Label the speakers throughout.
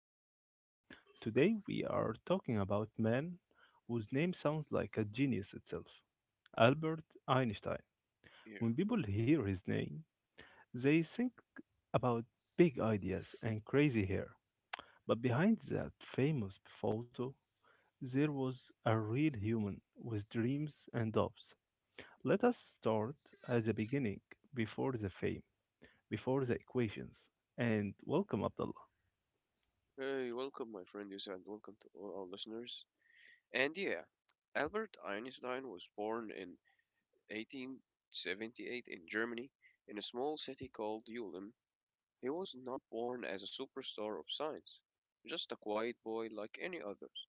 Speaker 1: podcast. Today, we are talking about man whose name sounds like a genius itself, Albert Einstein.
Speaker 2: Yeah.
Speaker 1: When people hear his name, they think about big ideas and crazy hair. But behind that famous photo, there was a real human with dreams and hopes. Let us start at the beginning, before the fame, before the equations. And welcome, Abdullah.
Speaker 2: Hey, welcome, my friend Yusuf, and welcome to all our listeners. And yeah, Albert Einstein was born in 1878 in Germany, in a small city called Ulm. He was not born as a superstar of science, just a quiet boy like any others.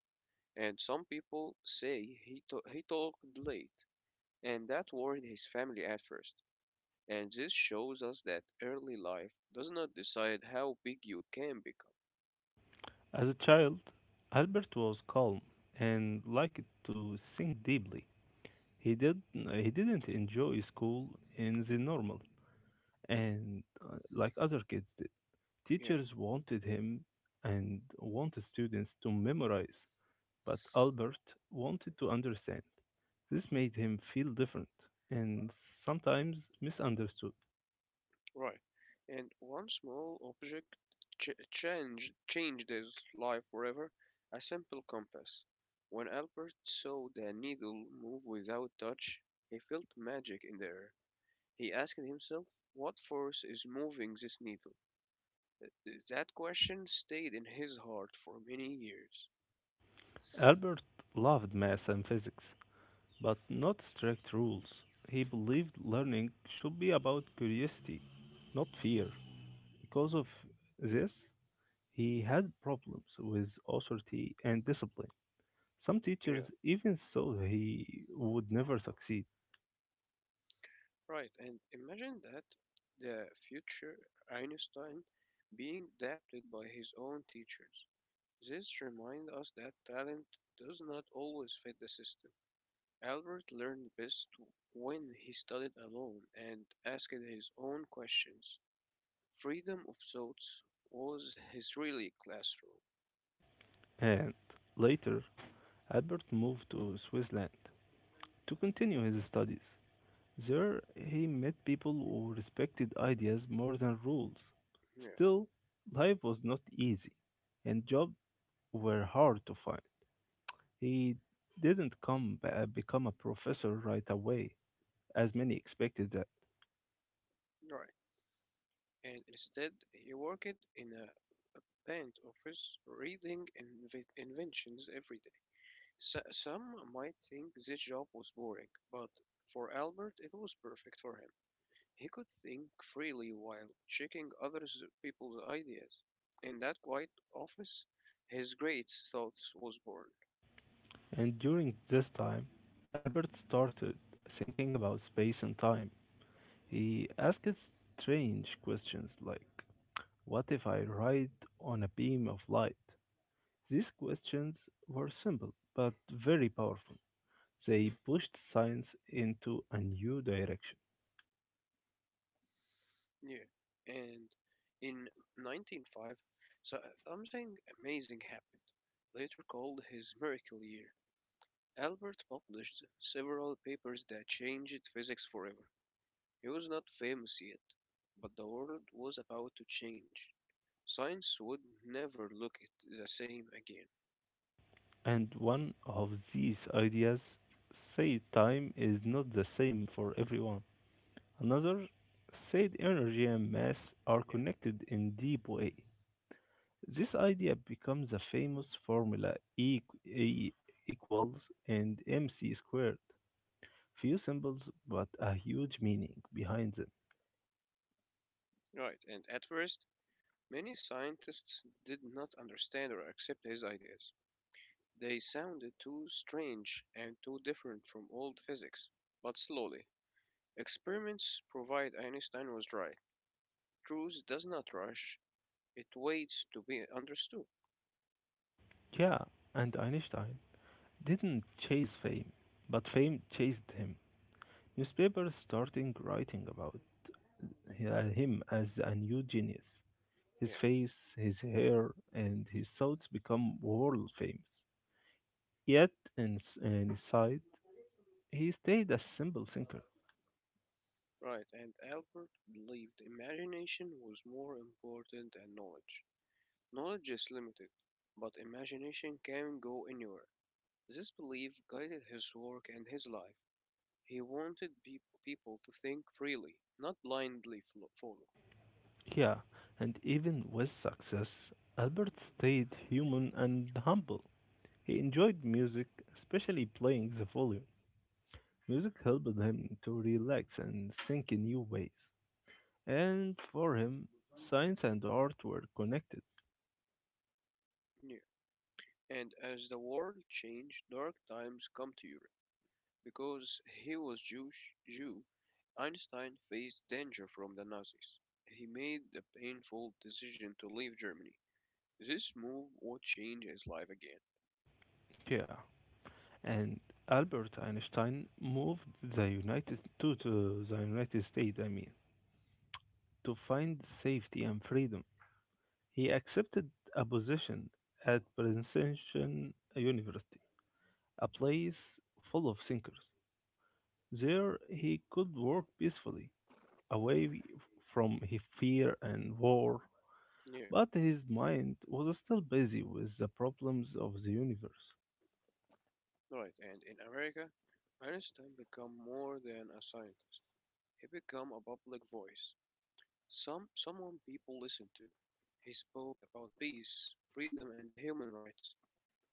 Speaker 2: And some people say he talked late, and that worried his family at first. And this shows us that early life does not decide how big you can become.
Speaker 1: As a child, Albert was calm and liked to think deeply. He didn't enjoy school in the normal and like other kids did.
Speaker 2: Yeah.
Speaker 1: Teachers wanted him and wanted students to memorize, but Albert wanted to understand. This made him feel different and sometimes misunderstood.
Speaker 2: Right. And one small object changed his life forever, a simple compass. When Albert saw the needle move without touch, he felt magic in the air. He asked himself, what force is moving this needle? That question stayed in his heart for many years.
Speaker 1: Albert loved math and physics, but not strict rules. He believed learning should be about curiosity, not fear. Because of this, he had problems with authority and discipline. Some
Speaker 2: Yeah,
Speaker 1: teachers even thought he would never succeed.
Speaker 2: right. And imagine that the future Einstein being adapted by his own teachers. This reminds us that talent does not always fit the system. Albert learned best when he studied alone and asked his own questions. Freedom of thoughts was his really classroom.
Speaker 1: And later, Albert moved to Switzerland to continue his studies. There, he met people who respected ideas more than rules.
Speaker 2: Yeah,
Speaker 1: Still, life was not easy, and job were hard to find. He didn't become a professor right away, as many expected that.
Speaker 2: right. And instead, he worked in a patent office reading inventions every day. Some might think this job was boring, but for Albert, it was perfect for him. He could think freely while checking other people's ideas. In that quiet office, his great thoughts was born.
Speaker 1: And during this time, Albert started thinking about space and time. He asked strange questions like, what if I ride on a beam of light? These questions were simple but very powerful. They
Speaker 2: Yeah.
Speaker 1: pushed science into a new direction.
Speaker 2: Yeah. And in 1905, so uh, something amazing happened, later called his miracle year. Albert published several papers that changed physics forever. He was not famous yet, but the world was about to change. Science would never look it the same again.
Speaker 1: And one of these ideas said time is not the same for everyone. Another said energy and mass are
Speaker 2: Yeah.
Speaker 1: connected in deep way. This idea becomes a famous formula E equals and mc squared. Few symbols but a huge meaning behind them.
Speaker 2: Right, and at first, many scientists did not understand or accept his ideas. They sounded too strange and too different from old physics. But slowly, experiments proved Einstein was right. Truth does not rush, it waits to be understood.
Speaker 1: Yeah, and Einstein didn't chase fame, but fame chased him. Newspapers starting writing about him as a new genius.
Speaker 2: Yeah,
Speaker 1: His face, his hair, and his thoughts become world famous. Yet, inside, he stayed a simple thinker.
Speaker 2: right, and Albert believed imagination was more important than knowledge. Knowledge is limited, but imagination can go anywhere. This belief guided his work and his life. He wanted people to think freely, not blindly follow.
Speaker 1: Yeah, and even with success, Albert stayed human and humble. He enjoyed music, especially playing the volume. Music helped him to relax and think in new ways. And for him, science and art were connected.
Speaker 2: Yeah. And as the world changed, dark times come to Europe. Because he was Jew, Einstein faced danger from the Nazis. He made the painful decision to leave Germany. This move would change his life again.
Speaker 1: Yeah, and Albert Einstein moved to the United States, I mean, to find safety and freedom. He accepted a position at Princeton University, a place full of thinkers. There he could work peacefully, away from his fear and war,
Speaker 2: Yeah,
Speaker 1: but his mind was still busy with the problems of the universe.
Speaker 2: right. And in America, Einstein became more than a scientist. He became a public voice, someone people listen to. He spoke about peace, freedom and the human rights.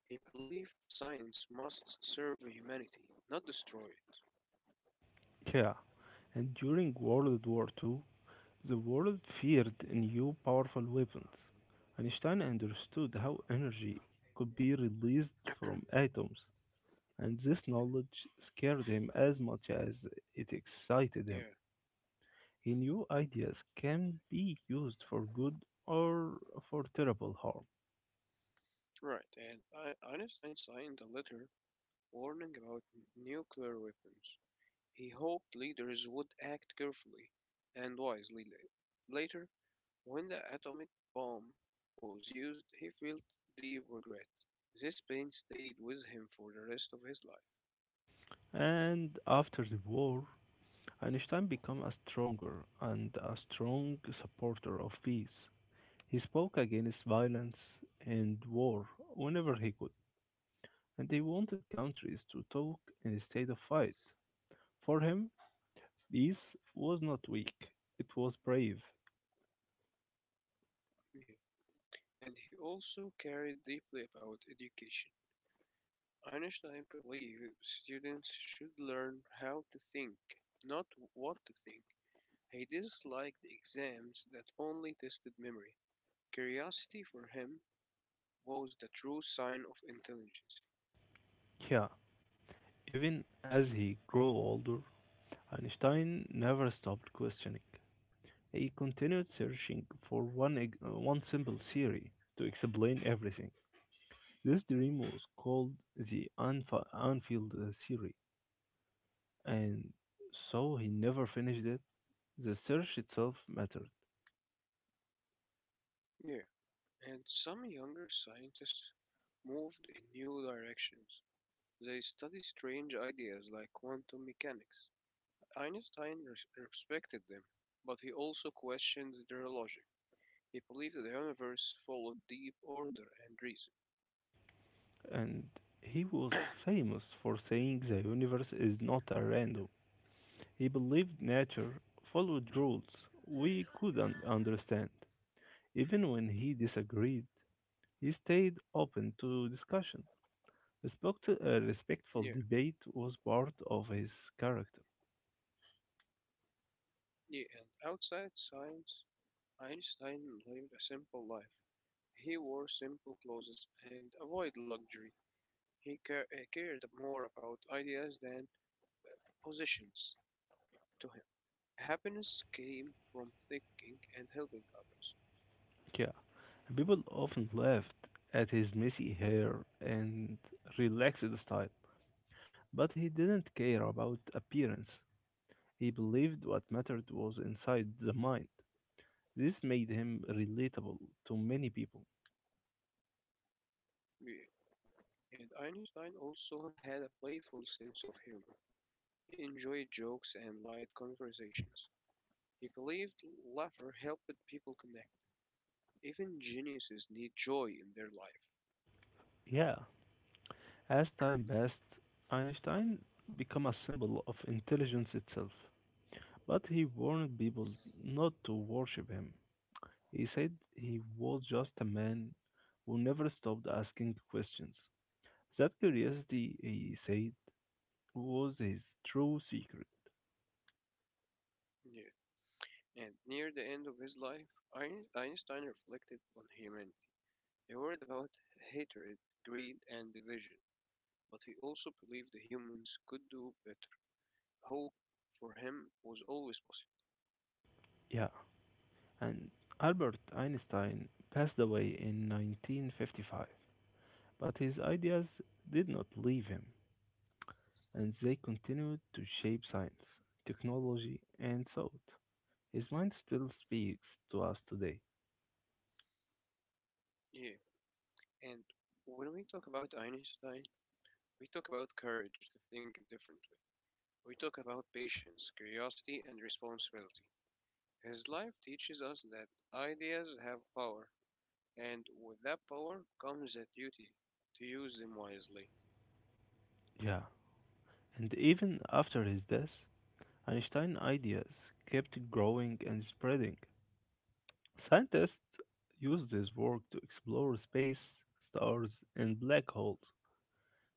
Speaker 2: He believed science must serve humanity, not destroy it.
Speaker 1: Yeah, and during World War Two. The world feared new powerful weapons. Einstein understood how energy could be released from atoms, and this knowledge scared him as much as it excited him.
Speaker 2: Yeah,
Speaker 1: He knew ideas can be used for good or for terrible harm.
Speaker 2: right. And Einstein signed a letter warning about nuclear weapons. He hoped leaders would act carefully and wisely. Later, when the atomic bomb was used, he felt deep regret. This pain stayed with him for the rest of his life.
Speaker 1: And after the war, Einstein became a strong supporter of peace. He spoke against violence and war whenever he could. And they wanted countries to talk instead of fight. For him, peace was not weak, it was brave.
Speaker 2: Yeah. And he also cared deeply about education. Einstein believed students should learn how to think, not what to think. He disliked exams that only tested memory. Curiosity for him was the true sign of intelligence.
Speaker 1: Yeah, even as he grew older, Einstein never stopped questioning. He continued searching for one simple theory to explain everything. This dream was called the Unfield theory, and so he never finished it. The search itself mattered.
Speaker 2: Yeah, and some younger scientists moved in new directions. They study strange ideas like quantum mechanics. Einstein respected them, but he also questioned their logic. He believed that the universe followed deep order and reason.
Speaker 1: And he was famous for saying the universe is not a random. He believed nature followed rules we couldn't understand. Even when he disagreed, he stayed open to discussion. Respectful
Speaker 2: Yeah.
Speaker 1: debate was part of his character.
Speaker 2: Yeah, and outside science, Einstein lived a simple life. He wore simple clothes and avoided luxury. He cared more about ideas than possessions to him. Happiness came from thinking and helping others.
Speaker 1: Yeah, people often laughed at his messy hair and relaxed style, but he didn't care about appearance. He believed what mattered was inside the mind. This made him relatable to many people.
Speaker 2: Yeah, and Einstein also had a playful sense of humor. He enjoyed jokes and light conversations. He believed laughter helped people connect. Even geniuses need joy in their life.
Speaker 1: Yeah, as time passed, Einstein became a symbol of intelligence itself. But he warned people not to worship him. He said he was just a man who never stopped asking questions. That curiosity, he said, was his true secret.
Speaker 2: Yeah. And near the end of his life, Einstein reflected on humanity. He worried about hatred, greed, and division, but he also believed the humans could do better. Hope for him was always possible.
Speaker 1: Yeah, and Albert Einstein passed away in 1955. But his ideas did not leave him, and they continued to shape science, technology, and thought. His mind still speaks to us today.
Speaker 2: Yeah, and when we talk about Einstein, we talk about courage to think differently. We talk about patience, curiosity, and responsibility. His life teaches us that ideas have power, and with that power comes a duty to use them wisely.
Speaker 1: Yeah. And even after his death, Einstein's ideas kept growing and spreading. Scientists used his work to explore space, stars, and black holes.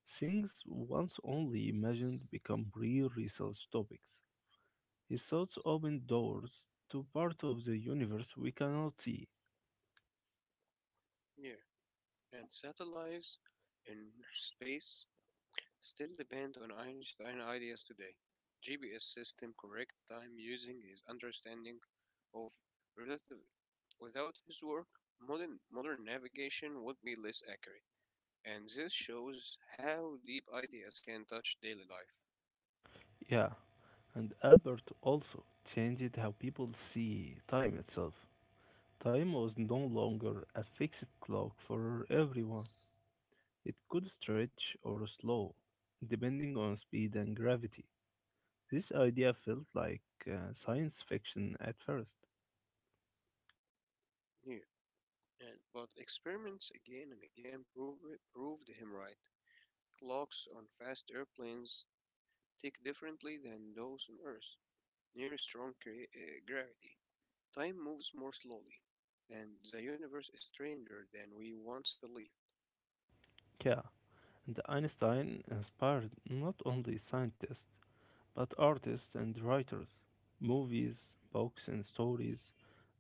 Speaker 1: Things once only imagined become real research topics. His thoughts opened doors to part of the universe we cannot see.
Speaker 2: Yeah. And satellites in space still depend on Einstein ideas today. GPS system correct time using his understanding of relativity. Without his work, modern navigation would be less accurate. And this shows how deep ideas can touch daily life.
Speaker 1: Yeah, and Albert also changed how people see time itself. Time was no longer a fixed clock for everyone. It could stretch or slow, depending on speed and gravity. This idea felt like science fiction at first.
Speaker 2: Yeah. And, but experiments again and again proved him right. Clocks on fast airplanes tick differently than those on Earth. Near strong gravity, time moves more slowly, and the universe is stranger than we once believed.
Speaker 1: Yeah, and Einstein inspired not only scientists, but artists and writers, movies, books, and stories,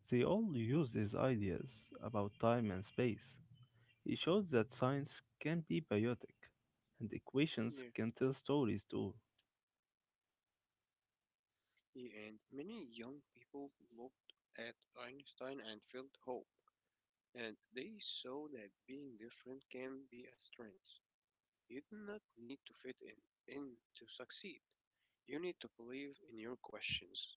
Speaker 1: they all use these ideas about time and space. He showed that science can be biotic, and equations
Speaker 2: Yeah.
Speaker 1: can tell stories too.
Speaker 2: Yeah, and many young people looked at Einstein and felt hope, and they saw that being different can be a strength. You do not need to in to succeed. You need to believe in your questions.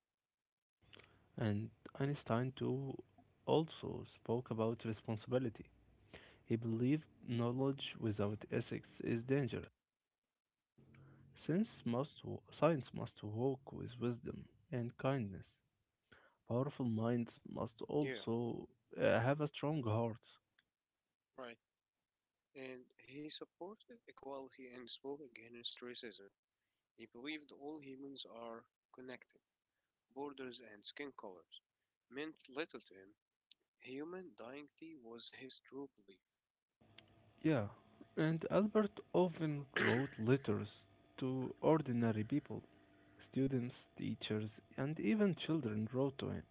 Speaker 1: And Einstein too also spoke about responsibility. He believed knowledge without ethics is dangerous, since science must walk with wisdom and kindness. Powerful minds must
Speaker 2: Yeah,
Speaker 1: also have a strong hearts.
Speaker 2: right. And he supported equality and spoke against racism. He believed all humans are connected, borders and skin colors meant little to him. Human dignity was his true belief.
Speaker 1: Yeah, and Albert often wrote letters to ordinary people. Students, teachers, and even children wrote to him.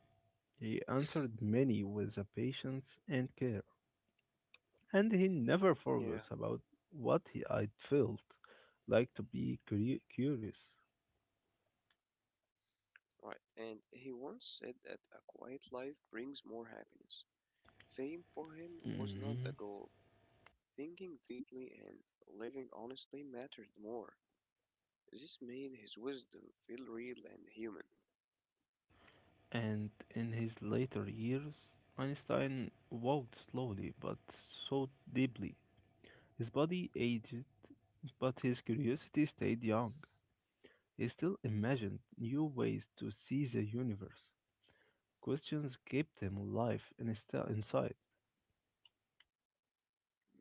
Speaker 1: He answered many with a patience and care, and he never
Speaker 2: Yeah,
Speaker 1: forgot about what he, I felt like to be curious.
Speaker 2: right. And he once said that a quiet life brings more happiness. Fame for him was not the
Speaker 1: Mhm.
Speaker 2: goal. Thinking deeply and living honestly mattered more. This made his wisdom feel real and human.
Speaker 1: And in his later years, Einstein walked slowly but thought deeply. His body aged, but his curiosity stayed young. He still imagined new ways to see the universe. Questions kept him alive and still inside.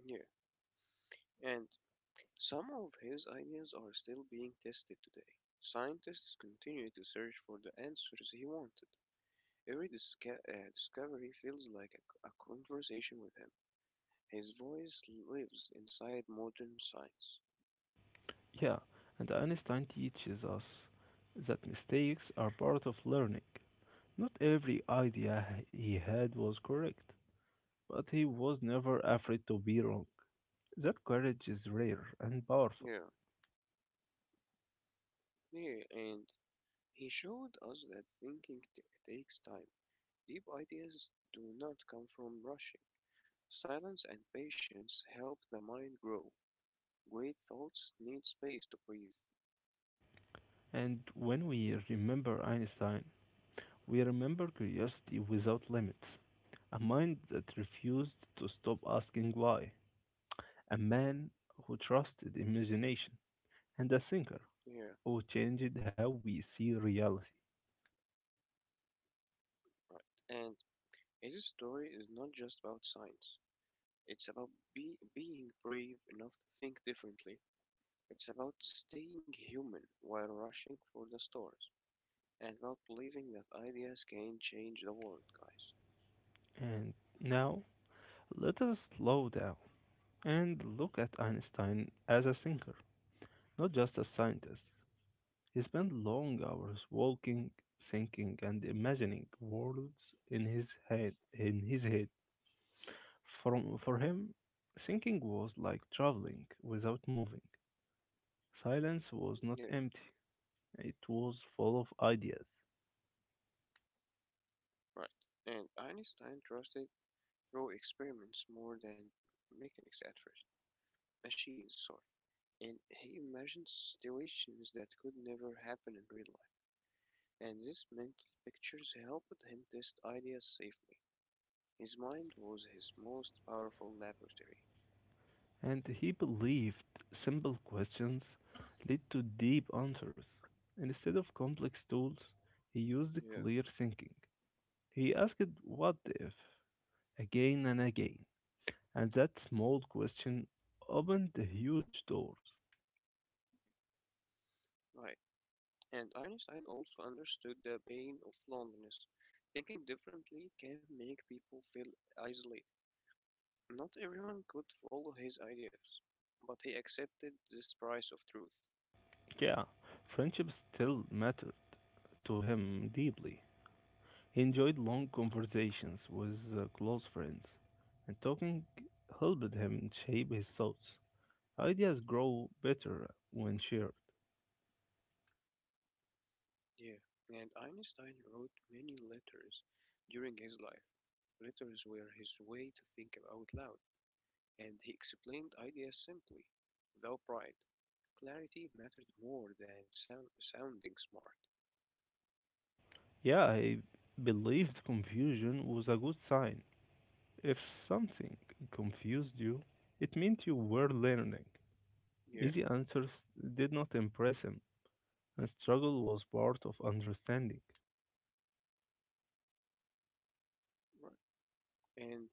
Speaker 2: Yeah, and some of his ideas are still being tested today. Scientists continue to search for the answers he wanted. Every discovery feels like a conversation with him. His voice lives inside modern science.
Speaker 1: Yeah, and Einstein teaches us that mistakes are part of learning. Not every idea he had was correct, but he was never afraid to be wrong. That courage is rare and powerful.
Speaker 2: Yeah, yeah, and he showed us that thinking takes time. Deep ideas do not come from rushing. Silence and patience help the mind grow. Great thoughts need space to breathe.
Speaker 1: And when we remember Einstein, we remember curiosity without limits, a mind that refused to stop asking why, a man who trusted imagination, and a thinker
Speaker 2: Yeah,
Speaker 1: who changed how we see reality.
Speaker 2: right. And his story is not just about science. It's about being brave enough to think differently. It's about staying human while rushing for the stores, and about believing that ideas can change the world, guys.
Speaker 1: And now, let us slow down and look at Einstein as a thinker, not just a scientist. He spent long hours walking, thinking, and imagining worlds in his head. From for him, thinking was like traveling without moving. Silence was not
Speaker 2: Yeah,
Speaker 1: empty; it was full of ideas,
Speaker 2: right. And Einstein trusted through experiments more than mechanics at first, machines, sorry. And he imagined situations that could never happen in real life. And these mental pictures helped him test ideas safely. His mind was his most powerful laboratory.
Speaker 1: and he believed simple questions lead to deep answers. Instead of complex tools, he used
Speaker 2: Yeah,
Speaker 1: clear thinking. He asked "What if?" again and again. And that small question opened huge doors.
Speaker 2: right. And Einstein also understood the pain of loneliness. Thinking differently can make people feel isolated. Not everyone could follow his ideas, but he accepted this price of truth.
Speaker 1: Yeah, friendship still mattered to him deeply. He enjoyed long conversations with close friends, and talking helped him shape his thoughts. Ideas grow better when shared.
Speaker 2: Yeah, and Einstein wrote many letters during his life. Letters were his way to think out loud, and he explained ideas simply, without pride. Clarity mattered more than sounding smart.
Speaker 1: Yeah, I believed confusion was a good sign. If something confused you, it meant you were learning.
Speaker 2: Yeah,
Speaker 1: Easy answers did not impress him. And struggle was part of understanding.
Speaker 2: right. And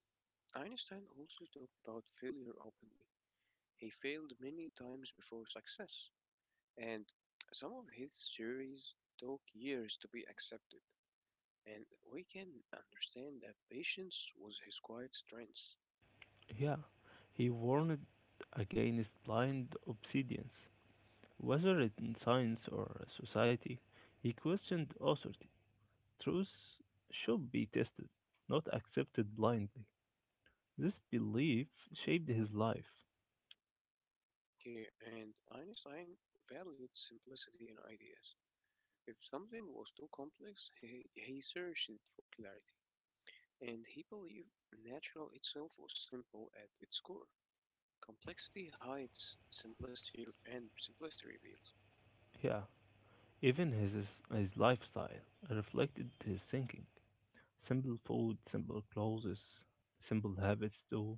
Speaker 2: Einstein also talked about failure openly. He failed many times before success, and some of his theories took years to be accepted. And we can understand that patience was his quiet strength
Speaker 1: Yeah, he warned against blind obedience, whether in science or society. He questioned authority. Truth should be tested, not accepted blindly. This belief shaped his life.
Speaker 2: here, and Einstein valued simplicity in ideas. If something was too complex, he searched for clarity, and he believed natural itself was simple at its core. Complexity hides, simplicity and simplicity reveals.
Speaker 1: Yeah, even his lifestyle reflected his thinking. Simple food, simple clothes, simple habits too.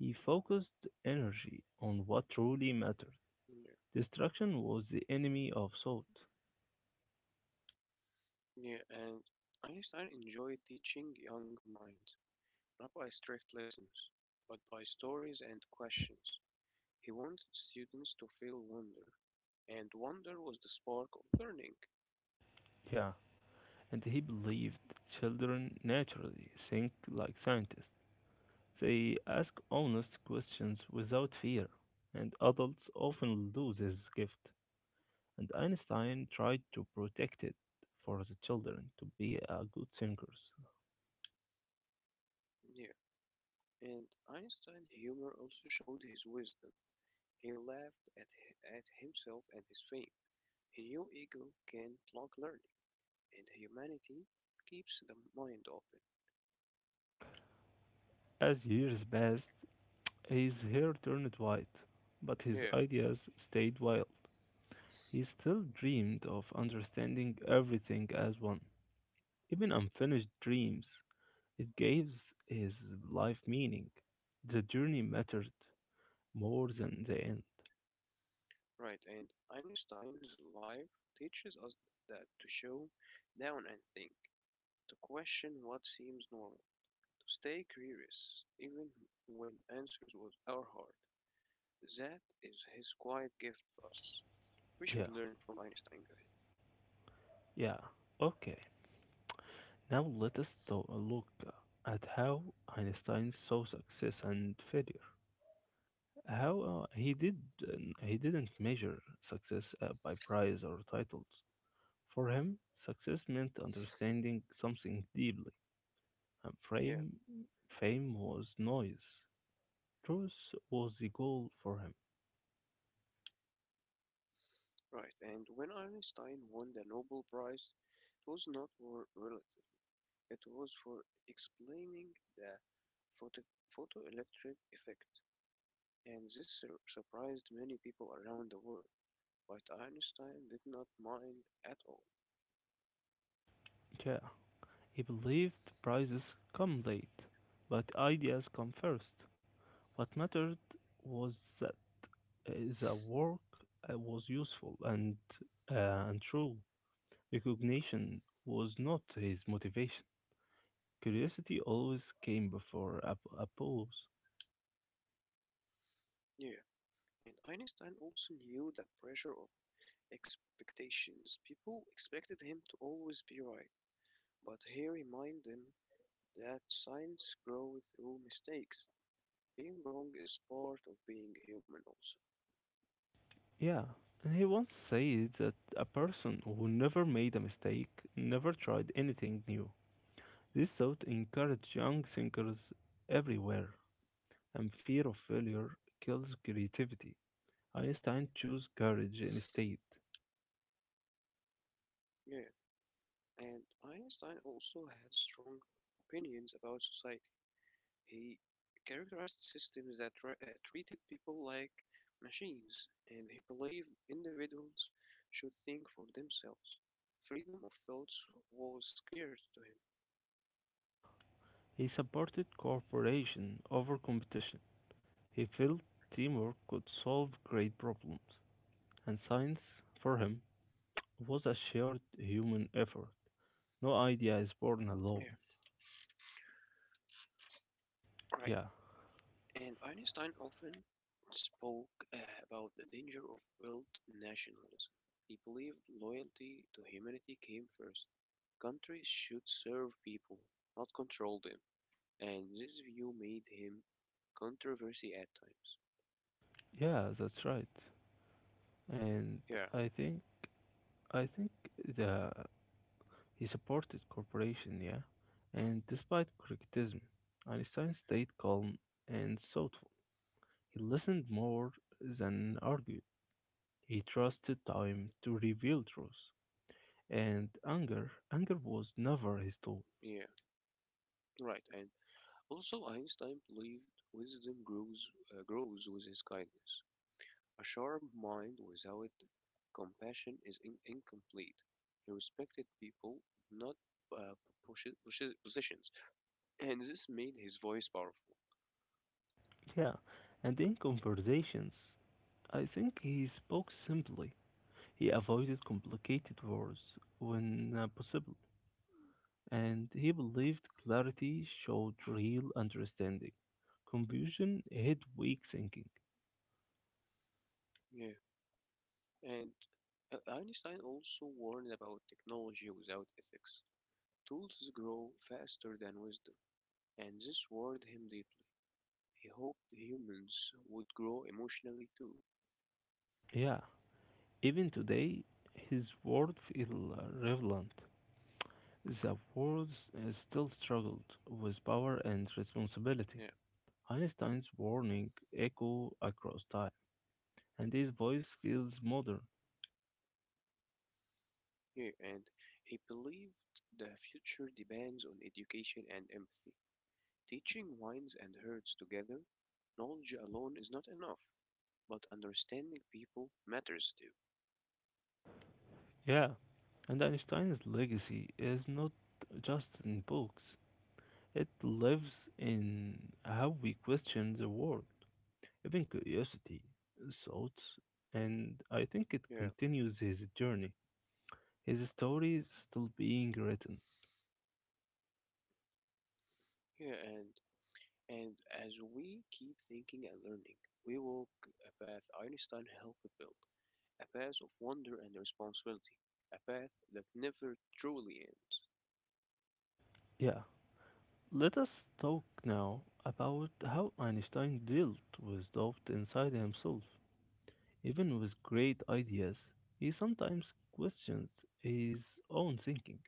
Speaker 1: He focused energy on what truly mattered.
Speaker 2: Yeah,
Speaker 1: Destruction was the enemy of thought.
Speaker 2: yeah, and Einstein enjoyed teaching young minds, not by strict lessons, but by stories and questions. He wanted students to feel wonder, and wonder was the spark of learning.
Speaker 1: Yeah, and he believed children naturally think like scientists. They ask honest questions without fear, and adults often lose this gift. And Einstein tried to protect it for the children to be good thinkers.
Speaker 2: Yeah, and Einstein's humor also showed his wisdom. He laughed at, at himself and his fame. He knew ego can block learning, and humanity keeps the mind open.
Speaker 1: As years passed, his hair turned white, but his
Speaker 2: Yeah.
Speaker 1: ideas stayed wild. He still dreamed of understanding everything as one, even unfinished dreams. It gave his life meaning. The journey mattered more than the end.
Speaker 2: Right, and Einstein's life teaches us that to show down and think, to question what seems normal, to stay curious even when are hard. That is his quiet gift to us. We should
Speaker 1: Yeah,
Speaker 2: learn from Einstein, guys.
Speaker 1: yeah. Okay, now let us look at how Einstein saw success and failure. How he didn't measure success by prize or titles. For him, success meant understanding something deeply, and
Speaker 2: Yeah,
Speaker 1: fame was noise. Truth was the goal for him.
Speaker 2: right. And when Einstein won the Nobel Prize, it was not for relative. It was for explaining the photoelectric effect, and this surprised many people around the world. But Einstein did not mind at all.
Speaker 1: Yeah, he believed prizes come late, but ideas come first. What mattered was that uh, the work was useful and true. Recognition was not his motivation. Curiosity always came before applause.
Speaker 2: Yeah, and Einstein also knew the pressure of expectations. People expected him to always be right, but he reminded them that science grows through mistakes. Being wrong is part of being human, also.
Speaker 1: Yeah, and he once said that a person who never made a mistake never tried anything new. This thought encouraged young thinkers everywhere. And fear of failure kills creativity. Einstein chose courage instead.
Speaker 2: Yeah, and Einstein also had strong opinions about society. He characterized systems that treated people like machines, and he believed individuals should think for themselves. Freedom of thoughts was scarce to him.
Speaker 1: He supported cooperation over competition. He felt teamwork could solve great problems, and science, for him, was a shared human effort. No idea is born
Speaker 2: Yeah,
Speaker 1: alone.
Speaker 2: right.
Speaker 1: Yeah,
Speaker 2: And Einstein often spoke uh, about the danger of world nationalism. He believed loyalty to humanity came first. Countries should serve people, not control them, and this view made him controversy at times.
Speaker 1: yeah, that's right. And
Speaker 2: Yeah,
Speaker 1: I think, I think the he supported cooperation. Yeah, and despite criticism, Einstein stayed calm and thoughtful. He listened more than argued. He trusted time to reveal truth. And anger was never his tool.
Speaker 2: yeah, right. And also, Einstein believed wisdom grows with his kindness. A sharp mind without compassion is incomplete. He respected people, not uh, positions, and this made his voice powerful.
Speaker 1: Yeah, and in conversations, I think he spoke simply. He avoided complicated words when possible, and he believed clarity showed real understanding. Confusion hid weak thinking.
Speaker 2: Yeah, and Einstein also warned about technology without ethics. Tools grow faster than wisdom, and this worried him deeply. He hoped humans would grow emotionally too.
Speaker 1: Yeah, even today, his words feel relevant. The world still struggled with power and responsibility.
Speaker 2: Yeah.
Speaker 1: Einstein's warning echo across time, and his voice feels modern.
Speaker 2: Yeah, and he believed the future depends on education and empathy. Teaching wins and hurts together, knowledge alone is not enough, but understanding people matters too.
Speaker 1: Yeah, and Einstein's legacy is not just in books. It lives in how we question the world, even curiosity, thoughts, and I think it
Speaker 2: Yeah,
Speaker 1: continues his journey. His story is still being written.
Speaker 2: yeah, and as we keep thinking and learning, we walk a path Einstein helped build, a path of wonder and responsibility, a path that never truly ends.
Speaker 1: Yeah, let us talk now about how Einstein dealt with doubt inside himself. Even with great ideas, he sometimes questions his own thinking.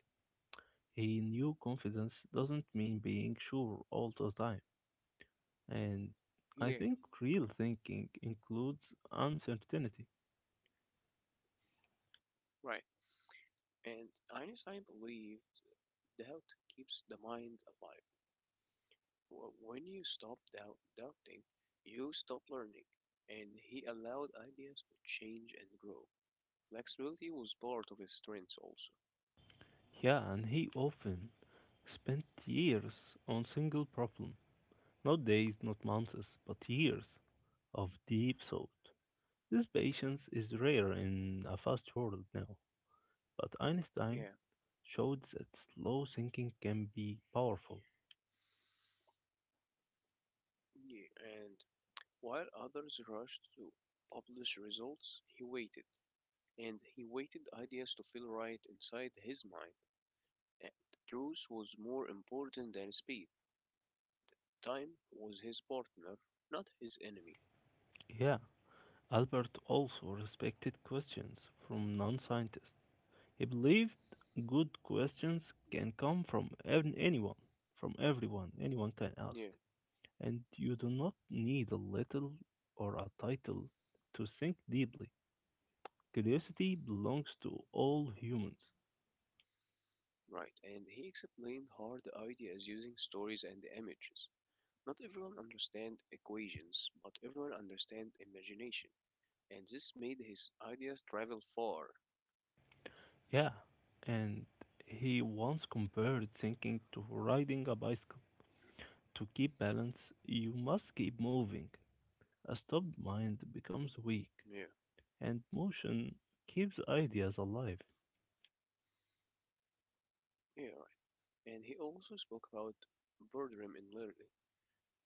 Speaker 1: He knew confidence doesn't mean being sure all the time, and I
Speaker 2: Yeah,
Speaker 1: think real thinking includes uncertainty.
Speaker 2: right. And Einstein believed doubt keeps the mind alive. When you stop doubting, you stop learning, and he allowed ideas to change and grow. Flexibility was part of his strengths also.
Speaker 1: Yeah, and he often spent years on single problem, not days, not months, but years of deep thought. This patience is rare in a fast world now, but Einstein
Speaker 2: Yeah,
Speaker 1: showed that slow thinking can be powerful.
Speaker 2: yeah. And while others rushed to publish results, he waited, and he waited ideas to feel right inside his mind. And truth was more important than speed. Time was his partner, not his enemy.
Speaker 1: Yeah, Albert also respected questions from non scientists. He believed good questions can come from anyone, from everyone, anyone can ask.
Speaker 2: Yeah,
Speaker 1: And you do not need a little or a title to think deeply. Curiosity belongs to all humans.
Speaker 2: right. And he explained hard ideas using stories and images. Not everyone understand equations, but everyone understand imagination, and this made his ideas travel far.
Speaker 1: Yeah, and he once compared thinking to riding a bicycle. To keep balance, you must keep moving. A stopped mind becomes weak,
Speaker 2: Yeah,
Speaker 1: and motion keeps ideas alive.
Speaker 2: yeah, right. And he also spoke about boredom in learning.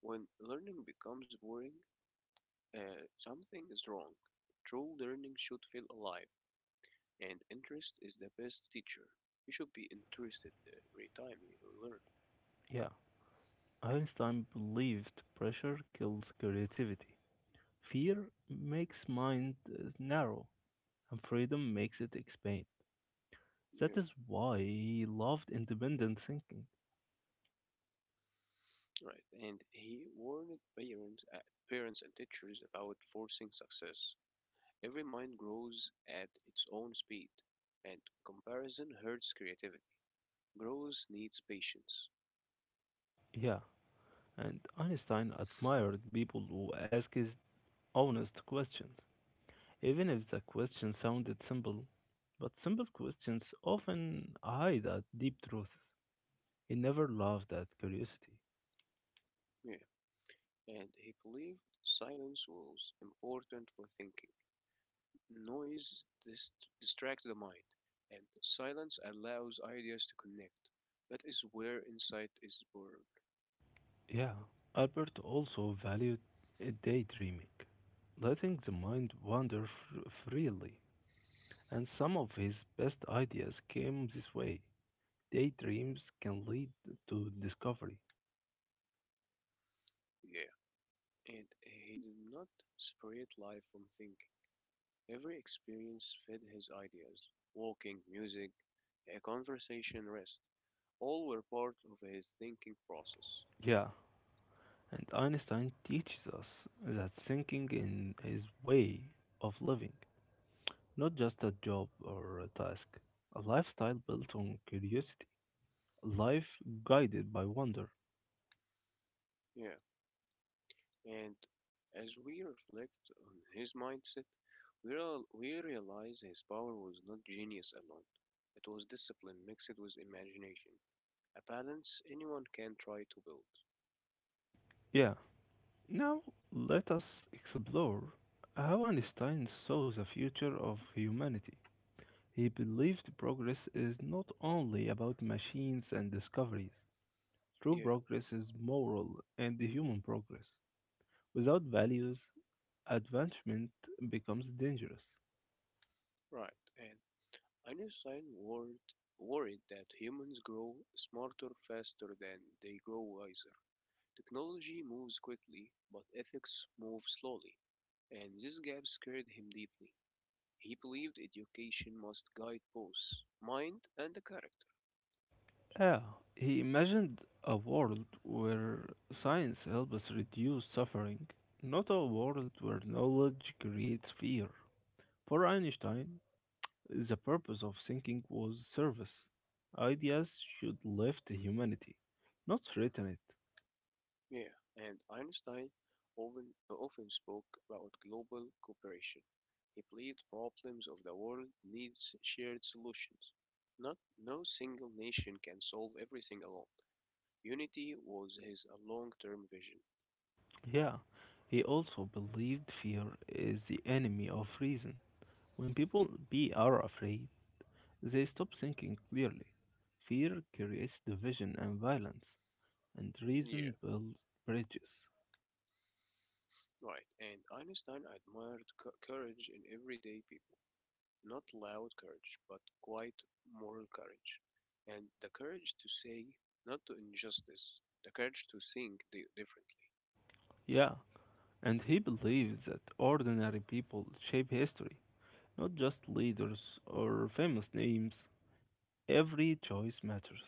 Speaker 2: When learning becomes boring, something is wrong. True learning should feel alive, and interest is the best teacher. You should be interested every time you learn.
Speaker 1: Yeah, Einstein believed pressure kills creativity. Fear makes mind narrow, and freedom makes it expand. That
Speaker 2: Yeah,
Speaker 1: is why he loved independent thinking.
Speaker 2: right. And he warned parents and teachers about forcing success. Every mind grows at its own speed, and comparison hurts creativity. Growth needs patience.
Speaker 1: Yeah, and Einstein admired people who asked honest questions, even if the question sounded simple. But simple questions often hide a deep truths. He never loved that curiosity.
Speaker 2: Yeah. And he believed silence was important for thinking. Noise dist- distracts the mind, and silence allows ideas to connect. That is where insight is born.
Speaker 1: Yeah, Albert also valued daydreaming, letting the mind wander freely, and some of his best ideas came this way. Daydreams can lead to discovery.
Speaker 2: Yeah. And he did not separate life from thinking. Every experience fed his ideas. Walking, music, a conversation, rest. All were part of his thinking process.
Speaker 1: Yeah, and Einstein teaches us that thinking in is way of living. Not just a job or a task, a lifestyle built on curiosity, a life guided by wonder.
Speaker 2: Yeah. And as we reflect on his mindset, we realize his power was not genius alone. It was discipline mixed with imagination, a balance anyone can try to build.
Speaker 1: Yeah, now let us explore how Einstein saw the future of humanity. He believed progress is not only about machines and discoveries. True
Speaker 2: Yeah,
Speaker 1: progress is moral and human progress. Without values, advancement becomes dangerous.
Speaker 2: right. And Einstein worried, worried that humans grow smarter faster than they grow wiser. Technology moves quickly, but ethics move slowly, and this gap scared him deeply. He believed education must guide both mind and the character.
Speaker 1: Yeah, he imagined a world where science helps us reduce suffering, not a world where knowledge creates fear. For Einstein, the purpose of thinking was service. Ideas should lift humanity, not threaten it.
Speaker 2: Yeah, and Einstein often spoke about global cooperation. He believed problems of the world needs shared solutions. Not No single nation can solve everything alone. Unity was his long-term vision.
Speaker 1: Yeah, he also believed fear is the enemy of reason. When people be are afraid, they stop thinking clearly. Fear creates division and violence, and
Speaker 2: Yeah.
Speaker 1: reason builds bridges.
Speaker 2: Right, and Einstein admired courage in everyday people. Not loud courage, but quiet moral courage. And the courage to say not to injustice, the courage to think differently.
Speaker 1: Yeah, and he believes that ordinary people shape history, not just leaders or famous names. Every choice matters.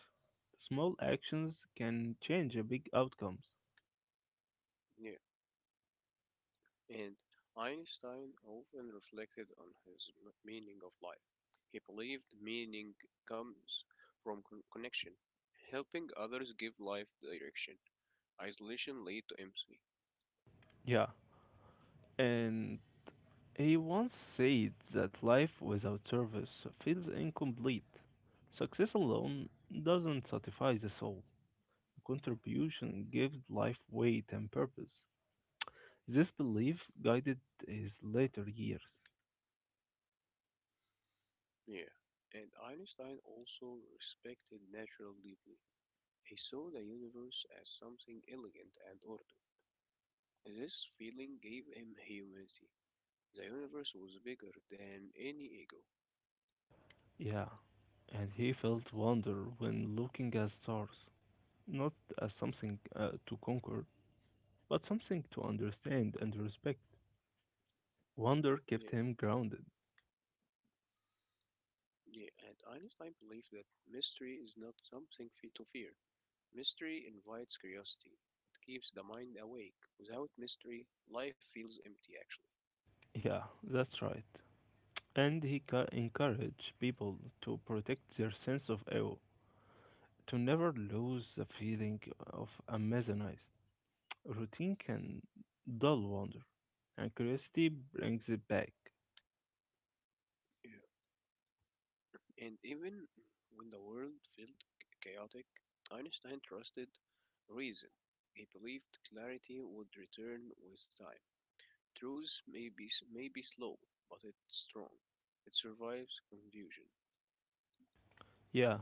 Speaker 1: Small actions can change a big outcomes.
Speaker 2: Yeah. And Einstein often reflected on meaning of life. He believed meaning comes from connection, helping others give life direction. Isolation lead to empathy,
Speaker 1: Yeah, and he once said that life without service feels incomplete. Success alone doesn't satisfy the soul. Contribution gives life weight and purpose. This belief guided his later years.
Speaker 2: Yeah. And Einstein also respected natural deeply. He saw the universe as something elegant and ordered. This feeling gave him humanity. The universe was bigger than any ego.
Speaker 1: Yeah, and he felt wonder when looking at stars, not as something to conquer, but something to understand and respect. Wonder
Speaker 2: Yeah,
Speaker 1: kept him grounded.
Speaker 2: yeah. And Einstein believed that mystery is not something to fear. Mystery invites curiosity. It keeps the mind awake. Without mystery, life feels empty, actually.
Speaker 1: Yeah, that's right. And he encouraged people to protect their sense of awe, to never lose the feeling of amazement. Routine can dull wonder, and curiosity brings it back.
Speaker 2: Yeah. And even when the world felt chaotic, Einstein trusted reason. He believed clarity would return with time. Truth may be slow, but it's strong. It survives confusion.
Speaker 1: Yeah,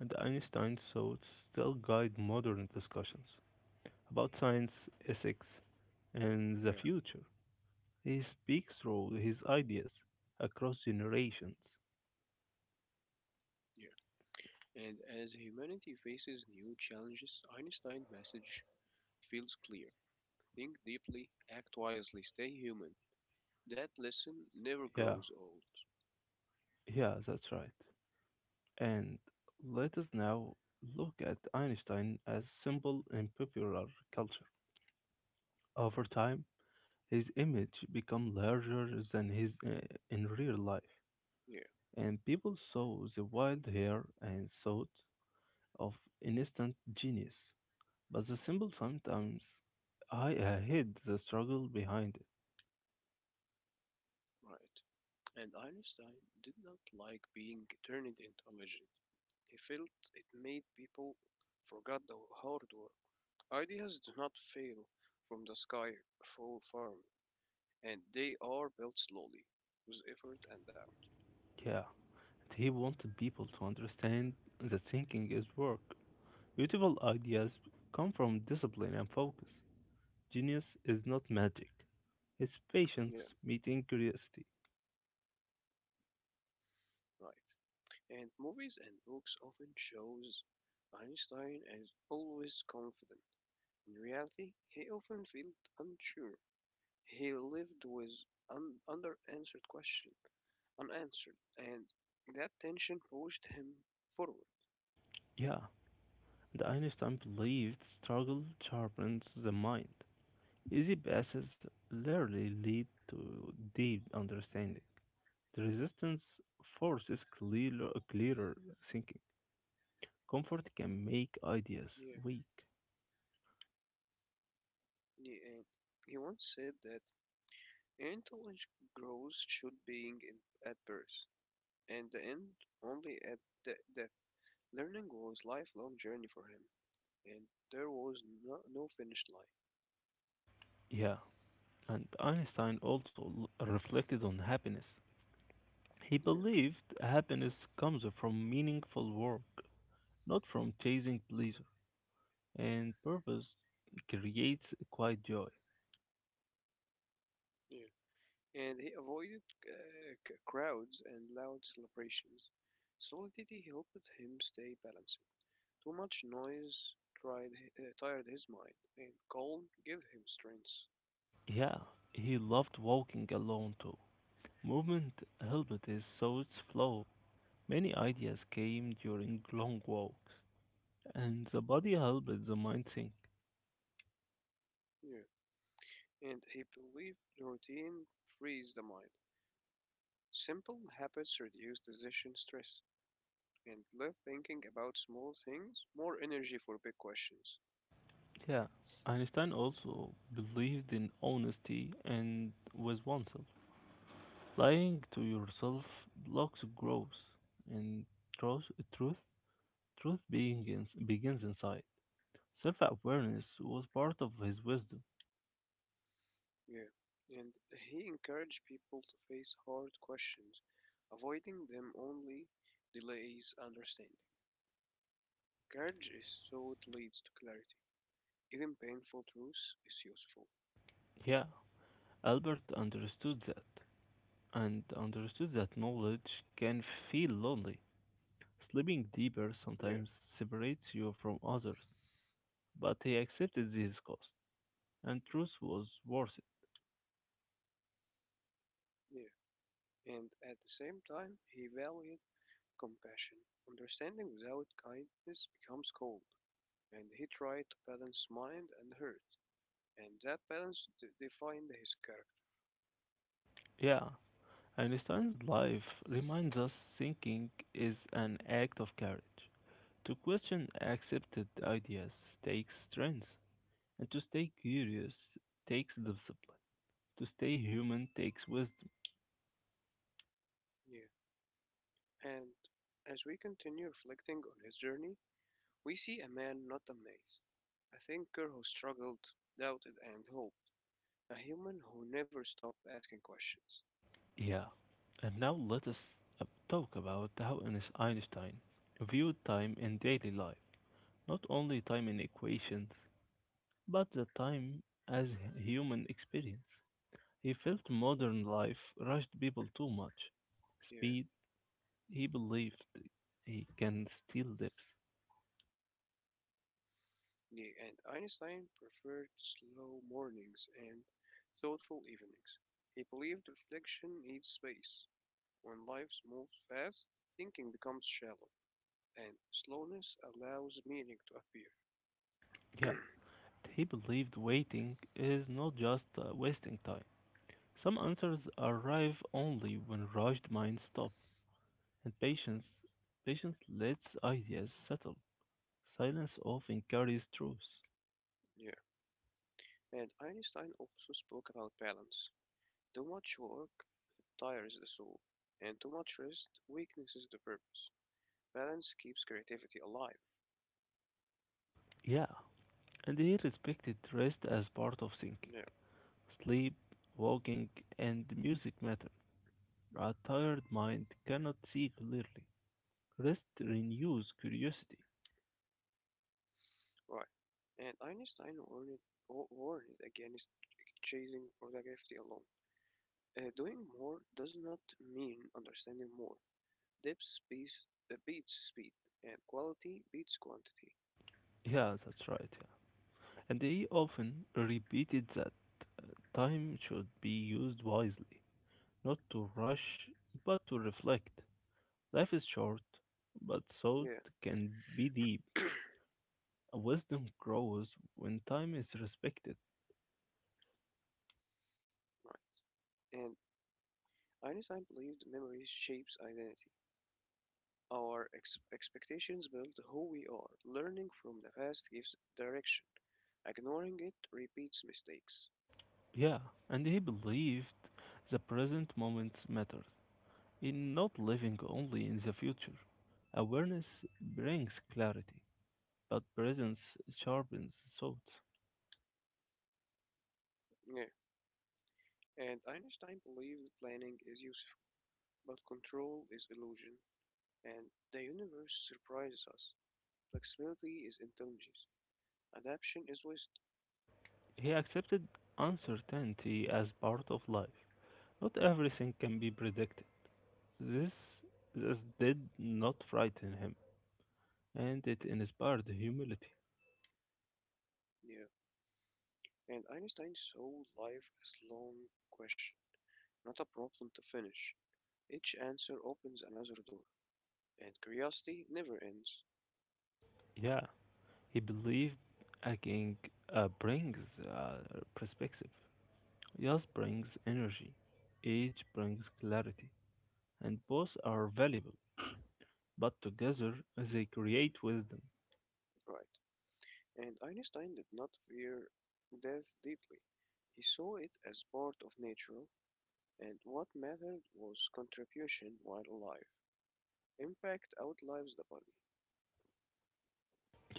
Speaker 1: and Einstein's thoughts still guide modern discussions about science, ethics, and the
Speaker 2: Yeah,
Speaker 1: future. He speaks through his ideas across generations.
Speaker 2: yeah. And as humanity faces new challenges, Einstein's message feels clear. Think deeply, act wisely, stay human. That lesson never
Speaker 1: Yeah,
Speaker 2: grows old.
Speaker 1: yeah, that's right. And let us now look at Einstein as symbol in popular culture. Over time, his image became larger than his in real life,
Speaker 2: Yeah,
Speaker 1: and people saw the wild hair and thought of instant genius. But the symbol sometimes I hid the struggle behind it.
Speaker 2: right. And Einstein did not like being turned into a legend. He felt it made people forget the hard work. Ideas do not fail from the sky, fall firm, and they are built slowly with effort and doubt.
Speaker 1: Yeah, and he wanted people to understand that thinking is work. Beautiful ideas come from discipline and focus. Genius is not magic, it's patience
Speaker 2: Yeah,
Speaker 1: meeting curiosity.
Speaker 2: right. And movies and books often shows Einstein as always confident. In reality, he often felt unsure. He lived with un- under-answered questions. Unanswered, and that tension pushed him forward.
Speaker 1: Yeah, and Einstein believed struggle sharpens the mind. Easy passes rarely lead to deep understanding. The resistance forces clearer thinking. Comfort can make ideas
Speaker 2: Yeah,
Speaker 1: weak.
Speaker 2: yeah, and he once said that intelligent growth should be in, at birth, and the end only at death. Learning was lifelong journey for him, and there was no finish line.
Speaker 1: Yeah, and Einstein also reflected on happiness. He
Speaker 2: Yeah,
Speaker 1: believed happiness comes from meaningful work, not from chasing pleasure, and purpose creates quiet joy.
Speaker 2: yeah. And he avoided crowds and loud celebrations. Solidity helped him stay balanced. Too much noise tried, tired his mind, and calm gave him strength.
Speaker 1: Yeah, he loved walking alone too. Movement helped his thoughts flow. Many ideas came during long walks, and the body helped the mind think.
Speaker 2: Yeah. And he believed the routine frees the mind. Simple habits reduce decision stress and left thinking about small things more energy for big questions.
Speaker 1: Yeah, Einstein also believed in honesty and with oneself. Lying to yourself blocks growth, and truth, truth, truth begins inside. Self-awareness was part of his wisdom.
Speaker 2: Yeah. And he encouraged people to face hard questions, avoiding them only delays understanding. Courage is thought leads to clarity. Even painful truth is useful.
Speaker 1: Yeah, Albert understood that, and understood that knowledge can feel lonely. Sleeping deeper
Speaker 2: Yeah.
Speaker 1: sometimes separates you from others, but he accepted this cost, and truth was worth it.
Speaker 2: Yeah. And at the same time he valued compassion. Understanding without kindness becomes cold, and he tried to balance mind and heart, and that balance defined his character.
Speaker 1: Yeah, Einstein's life reminds us thinking is an act of courage. To question accepted ideas takes strength, and to stay curious takes discipline. To stay human takes wisdom.
Speaker 2: Yeah. And as we continue reflecting on his journey, we see a man not amazed, a thinker who struggled, doubted, and hoped, a human who never stopped asking questions.
Speaker 1: Yeah, and now let us talk about how Einstein viewed time in daily life. Not only time in equations, but the time as human experience. He felt modern life rushed people too much.
Speaker 2: Yeah.
Speaker 1: Speed, he believed he can steal lips.
Speaker 2: And Einstein preferred slow mornings and thoughtful evenings. He believed reflection needs space. When life moves fast, thinking becomes shallow, and slowness allows meaning to appear.
Speaker 1: Yeah, he believed waiting is not just wasting time. Some answers arrive only when rushed minds stop, and patience lets ideas settle. Silence often carries truth.
Speaker 2: Yeah. And Einstein also spoke about balance. Too much work tires the soul, and too much rest weaknesses the purpose. Balance keeps creativity alive.
Speaker 1: Yeah, and he respected rest as part of thinking.
Speaker 2: Yeah,
Speaker 1: Sleep, walking, and music matter. A tired mind cannot see clearly. Rest renews curiosity.
Speaker 2: right. And warned against chasing productivity alone. Doing more does not mean understanding more. Depth beats speed, and quality beats quantity.
Speaker 1: Yeah, that's right. Yeah. And he often repeated that uh, time should be used wisely, not to rush, but to reflect. Life is short, but thought
Speaker 2: Yeah,
Speaker 1: can be deep. Wisdom grows when time is respected.
Speaker 2: right. And Einstein believed memory shapes identity. Our expectations build who we are. Learning from the past gives direction. Ignoring it repeats mistakes.
Speaker 1: Yeah, and he believed the present moment mattered, in not living only in the future. Awareness brings clarity, but presence sharpens thought.
Speaker 2: Yeah. And Einstein believed planning is useful, but control is illusion, and the universe surprises us. Flexibility is intelligence. Adaptation is wisdom.
Speaker 1: He accepted uncertainty as part of life. Not everything can be predicted. This, this did not frighten him, and it inspired humility.
Speaker 2: Yeah, and Einstein saw life as long question, not a problem to finish. Each answer opens another door, and curiosity never ends.
Speaker 1: Yeah, he believed a brings uh, perspective, Yas brings energy, age brings clarity, and both are valuable, but together they create wisdom.
Speaker 2: Right. And Einstein did not fear death deeply. He saw it as part of nature, and what mattered was contribution while alive. Impact outlives the body.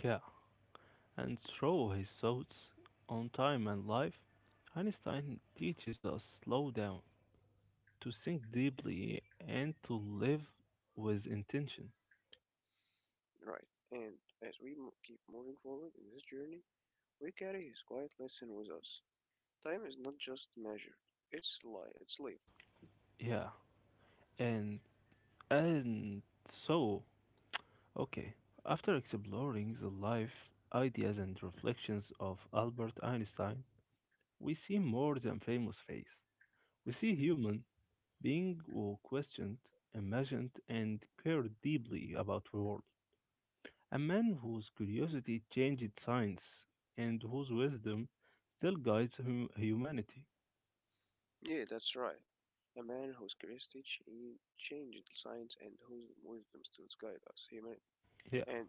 Speaker 1: Yeah, and through his thoughts on time and life, Einstein teaches us slow down, to think deeply and to live with intention.
Speaker 2: Right. And as we keep moving forward in this journey, we carry his quiet lesson with us. Time is not just measured; it's lived.
Speaker 1: Yeah, and and so okay. After exploring the life, ideas, and reflections of Albert Einstein, we see more than famous face. We see human being who questioned, imagined, and cared deeply about the world. A man whose curiosity changed science and whose wisdom still guides humanity.
Speaker 2: Yeah, that's right. A man whose curiosity changed science and whose wisdom still guides us, humanity.
Speaker 1: Yeah,
Speaker 2: And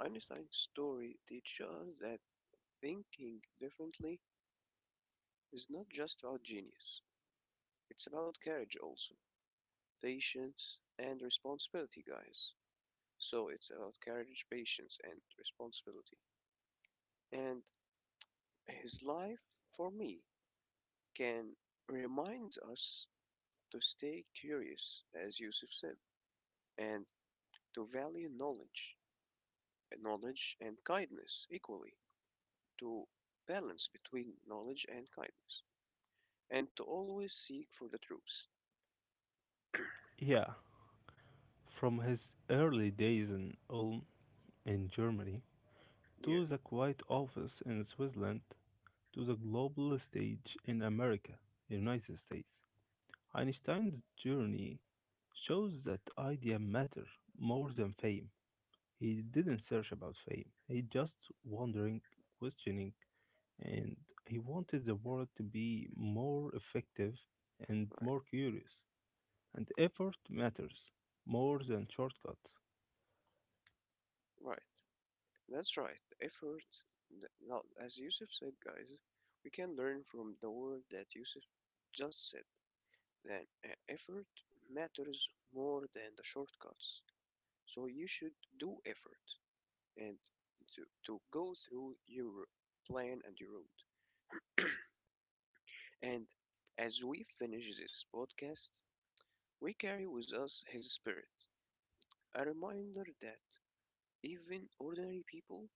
Speaker 2: Einstein's story teaches us that thinking differently is not just about genius, it's about courage also, patience, and responsibility, guys. So it's about courage, patience, and responsibility. And his life, for me, can remind us to stay curious, as Yusuf said, and to value knowledge and kindness equally, to balance between knowledge and kindness, and to always seek for the truth.
Speaker 1: yeah. From his early days in Ulm in Germany
Speaker 2: Yeah,
Speaker 1: to the quiet office in Switzerland to the global stage in America, United States, Einstein's journey shows that idea matter more than fame. He didn't search about fame. He just wondering, questioning, and he wanted the world to be more effective and
Speaker 2: right,
Speaker 1: more curious. And effort matters more than shortcuts.
Speaker 2: right. That's right. Effort. Now, as Yusuf said, guys, we can learn from the word that Yusuf just said. Then, effort matters more than the shortcuts. So you should do effort and to go through your plan and your route. And as we finish this podcast, we carry with us his spirit, a reminder that even ordinary people,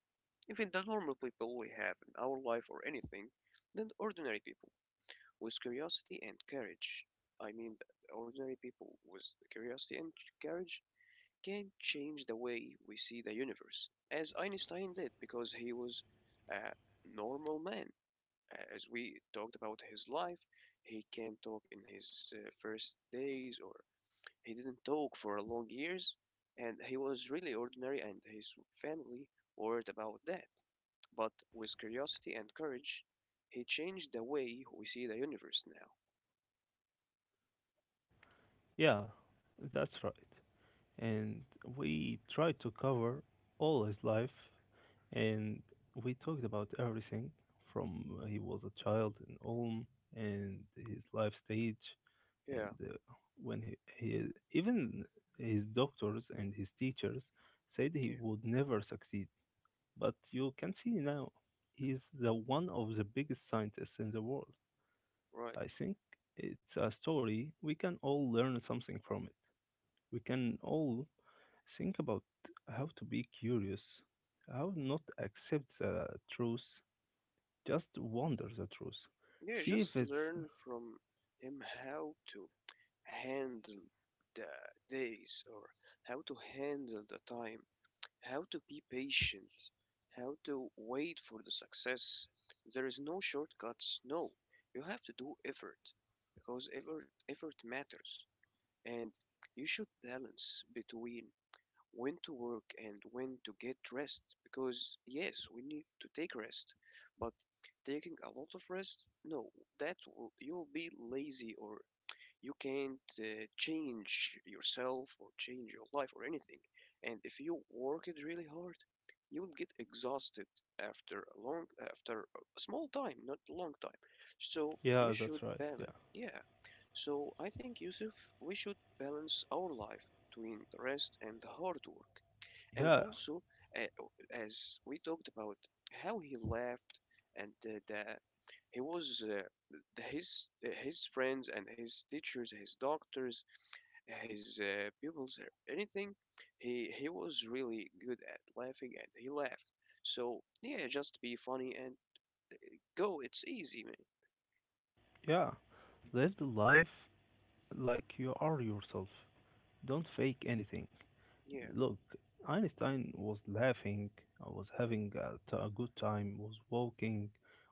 Speaker 2: even the normal people we have in our life or anything, than ordinary people with curiosity and courage. I mean, that ordinary people with curiosity and courage can change the way we see the universe, as Einstein did, because he was a normal man. As we talked about his life, he can not talk in his first days, or he didn't talk for long years, and he was really ordinary, and his family worried about that. But with curiosity and courage, he changed the way we see the universe now.
Speaker 1: Yeah, that's right. And we tried to cover all his life, and we talked about everything from he was a child in Ulm and his life stage, and
Speaker 2: Yeah,
Speaker 1: he even his doctors and his teachers said he
Speaker 2: yeah,
Speaker 1: would never succeed. But you can see now, he's the one of the biggest scientists in the world.
Speaker 2: right.
Speaker 1: I think it's a story we can all learn something from it. We can all think about how to be curious, how not accept the truth, just wonder the truth.
Speaker 2: Yeah,
Speaker 1: See if
Speaker 2: just
Speaker 1: it's
Speaker 2: learn from him how to handle the days, or how to handle the time, how to be patient, how to wait for the success. There is no shortcuts. No, you have to do effort because effort matters, and you should balance between when to work and when to get rest, because yes, we need to take rest, but taking a lot of rest, no, that will you'll be lazy, or you can't change yourself or change your life or anything. And if you work it really hard, you will get exhausted after a small time, not a long time. So
Speaker 1: yeah,
Speaker 2: you
Speaker 1: that's
Speaker 2: should
Speaker 1: right. Yeah,
Speaker 2: balance. Yeah. So I think, Yusuf, we should balance our life between the rest and the hard work. And
Speaker 1: yeah,
Speaker 2: also, uh, as we talked about how he left, and the he was his friends and his teachers, his doctors, his pupils, anything. He was really good at laughing, and he laughed. So yeah, just be funny and go. It's easy, man.
Speaker 1: yeah. Live the life like you are yourself. Don't fake anything.
Speaker 2: Yeah,
Speaker 1: Look, Einstein was laughing, I was having a good time, was walking,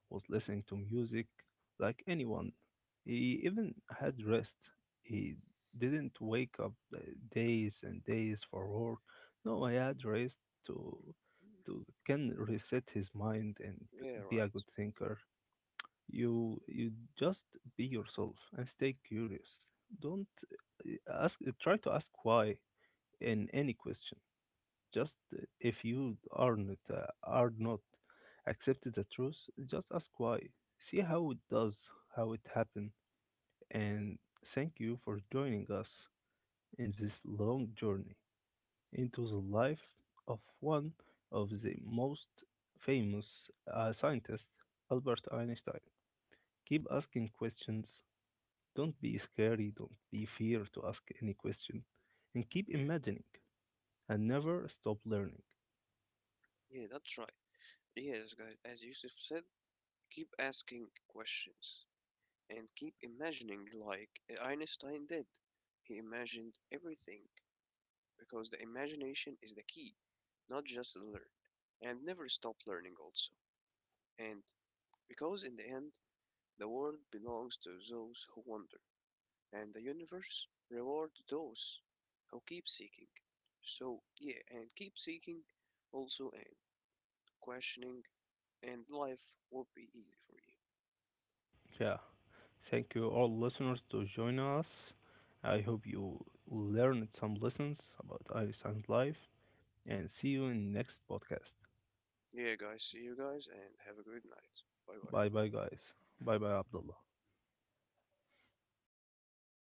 Speaker 1: was listening to music like anyone. He even had rest. He didn't wake up days and days for work. No, I had rest to can reset his mind and
Speaker 2: yeah,
Speaker 1: be
Speaker 2: right.
Speaker 1: a good thinker. You just be yourself and stay curious. Don't ask try to ask why in any question just if you are not accept the truth, just ask why. See how it does, how it happened, and thank you for joining us in this long journey into the life of one of the most famous scientists, Albert Einstein. Keep asking questions. Don't be scary. Don't be fear to ask any question, and keep
Speaker 2: Yeah,
Speaker 1: imagining and never stop learning.
Speaker 2: yeah, that's right. Yes, guys. As Yusuf said, keep asking questions and keep imagining like Einstein did. He imagined everything because the imagination is the key. Not just learn, and never stop learning also. And because in the end, the world belongs to those who wander, and the universe rewards those who keep seeking. So, yeah, and keep seeking also and questioning, and life will be easy for you.
Speaker 1: Yeah. Thank you, all listeners, to join us. I hope you learned some lessons about Irish and life. And see you in next podcast.
Speaker 2: Yeah, guys, see you guys, and have a good night. Bye bye.
Speaker 1: Bye bye, guys. Bye bye, Abdullah.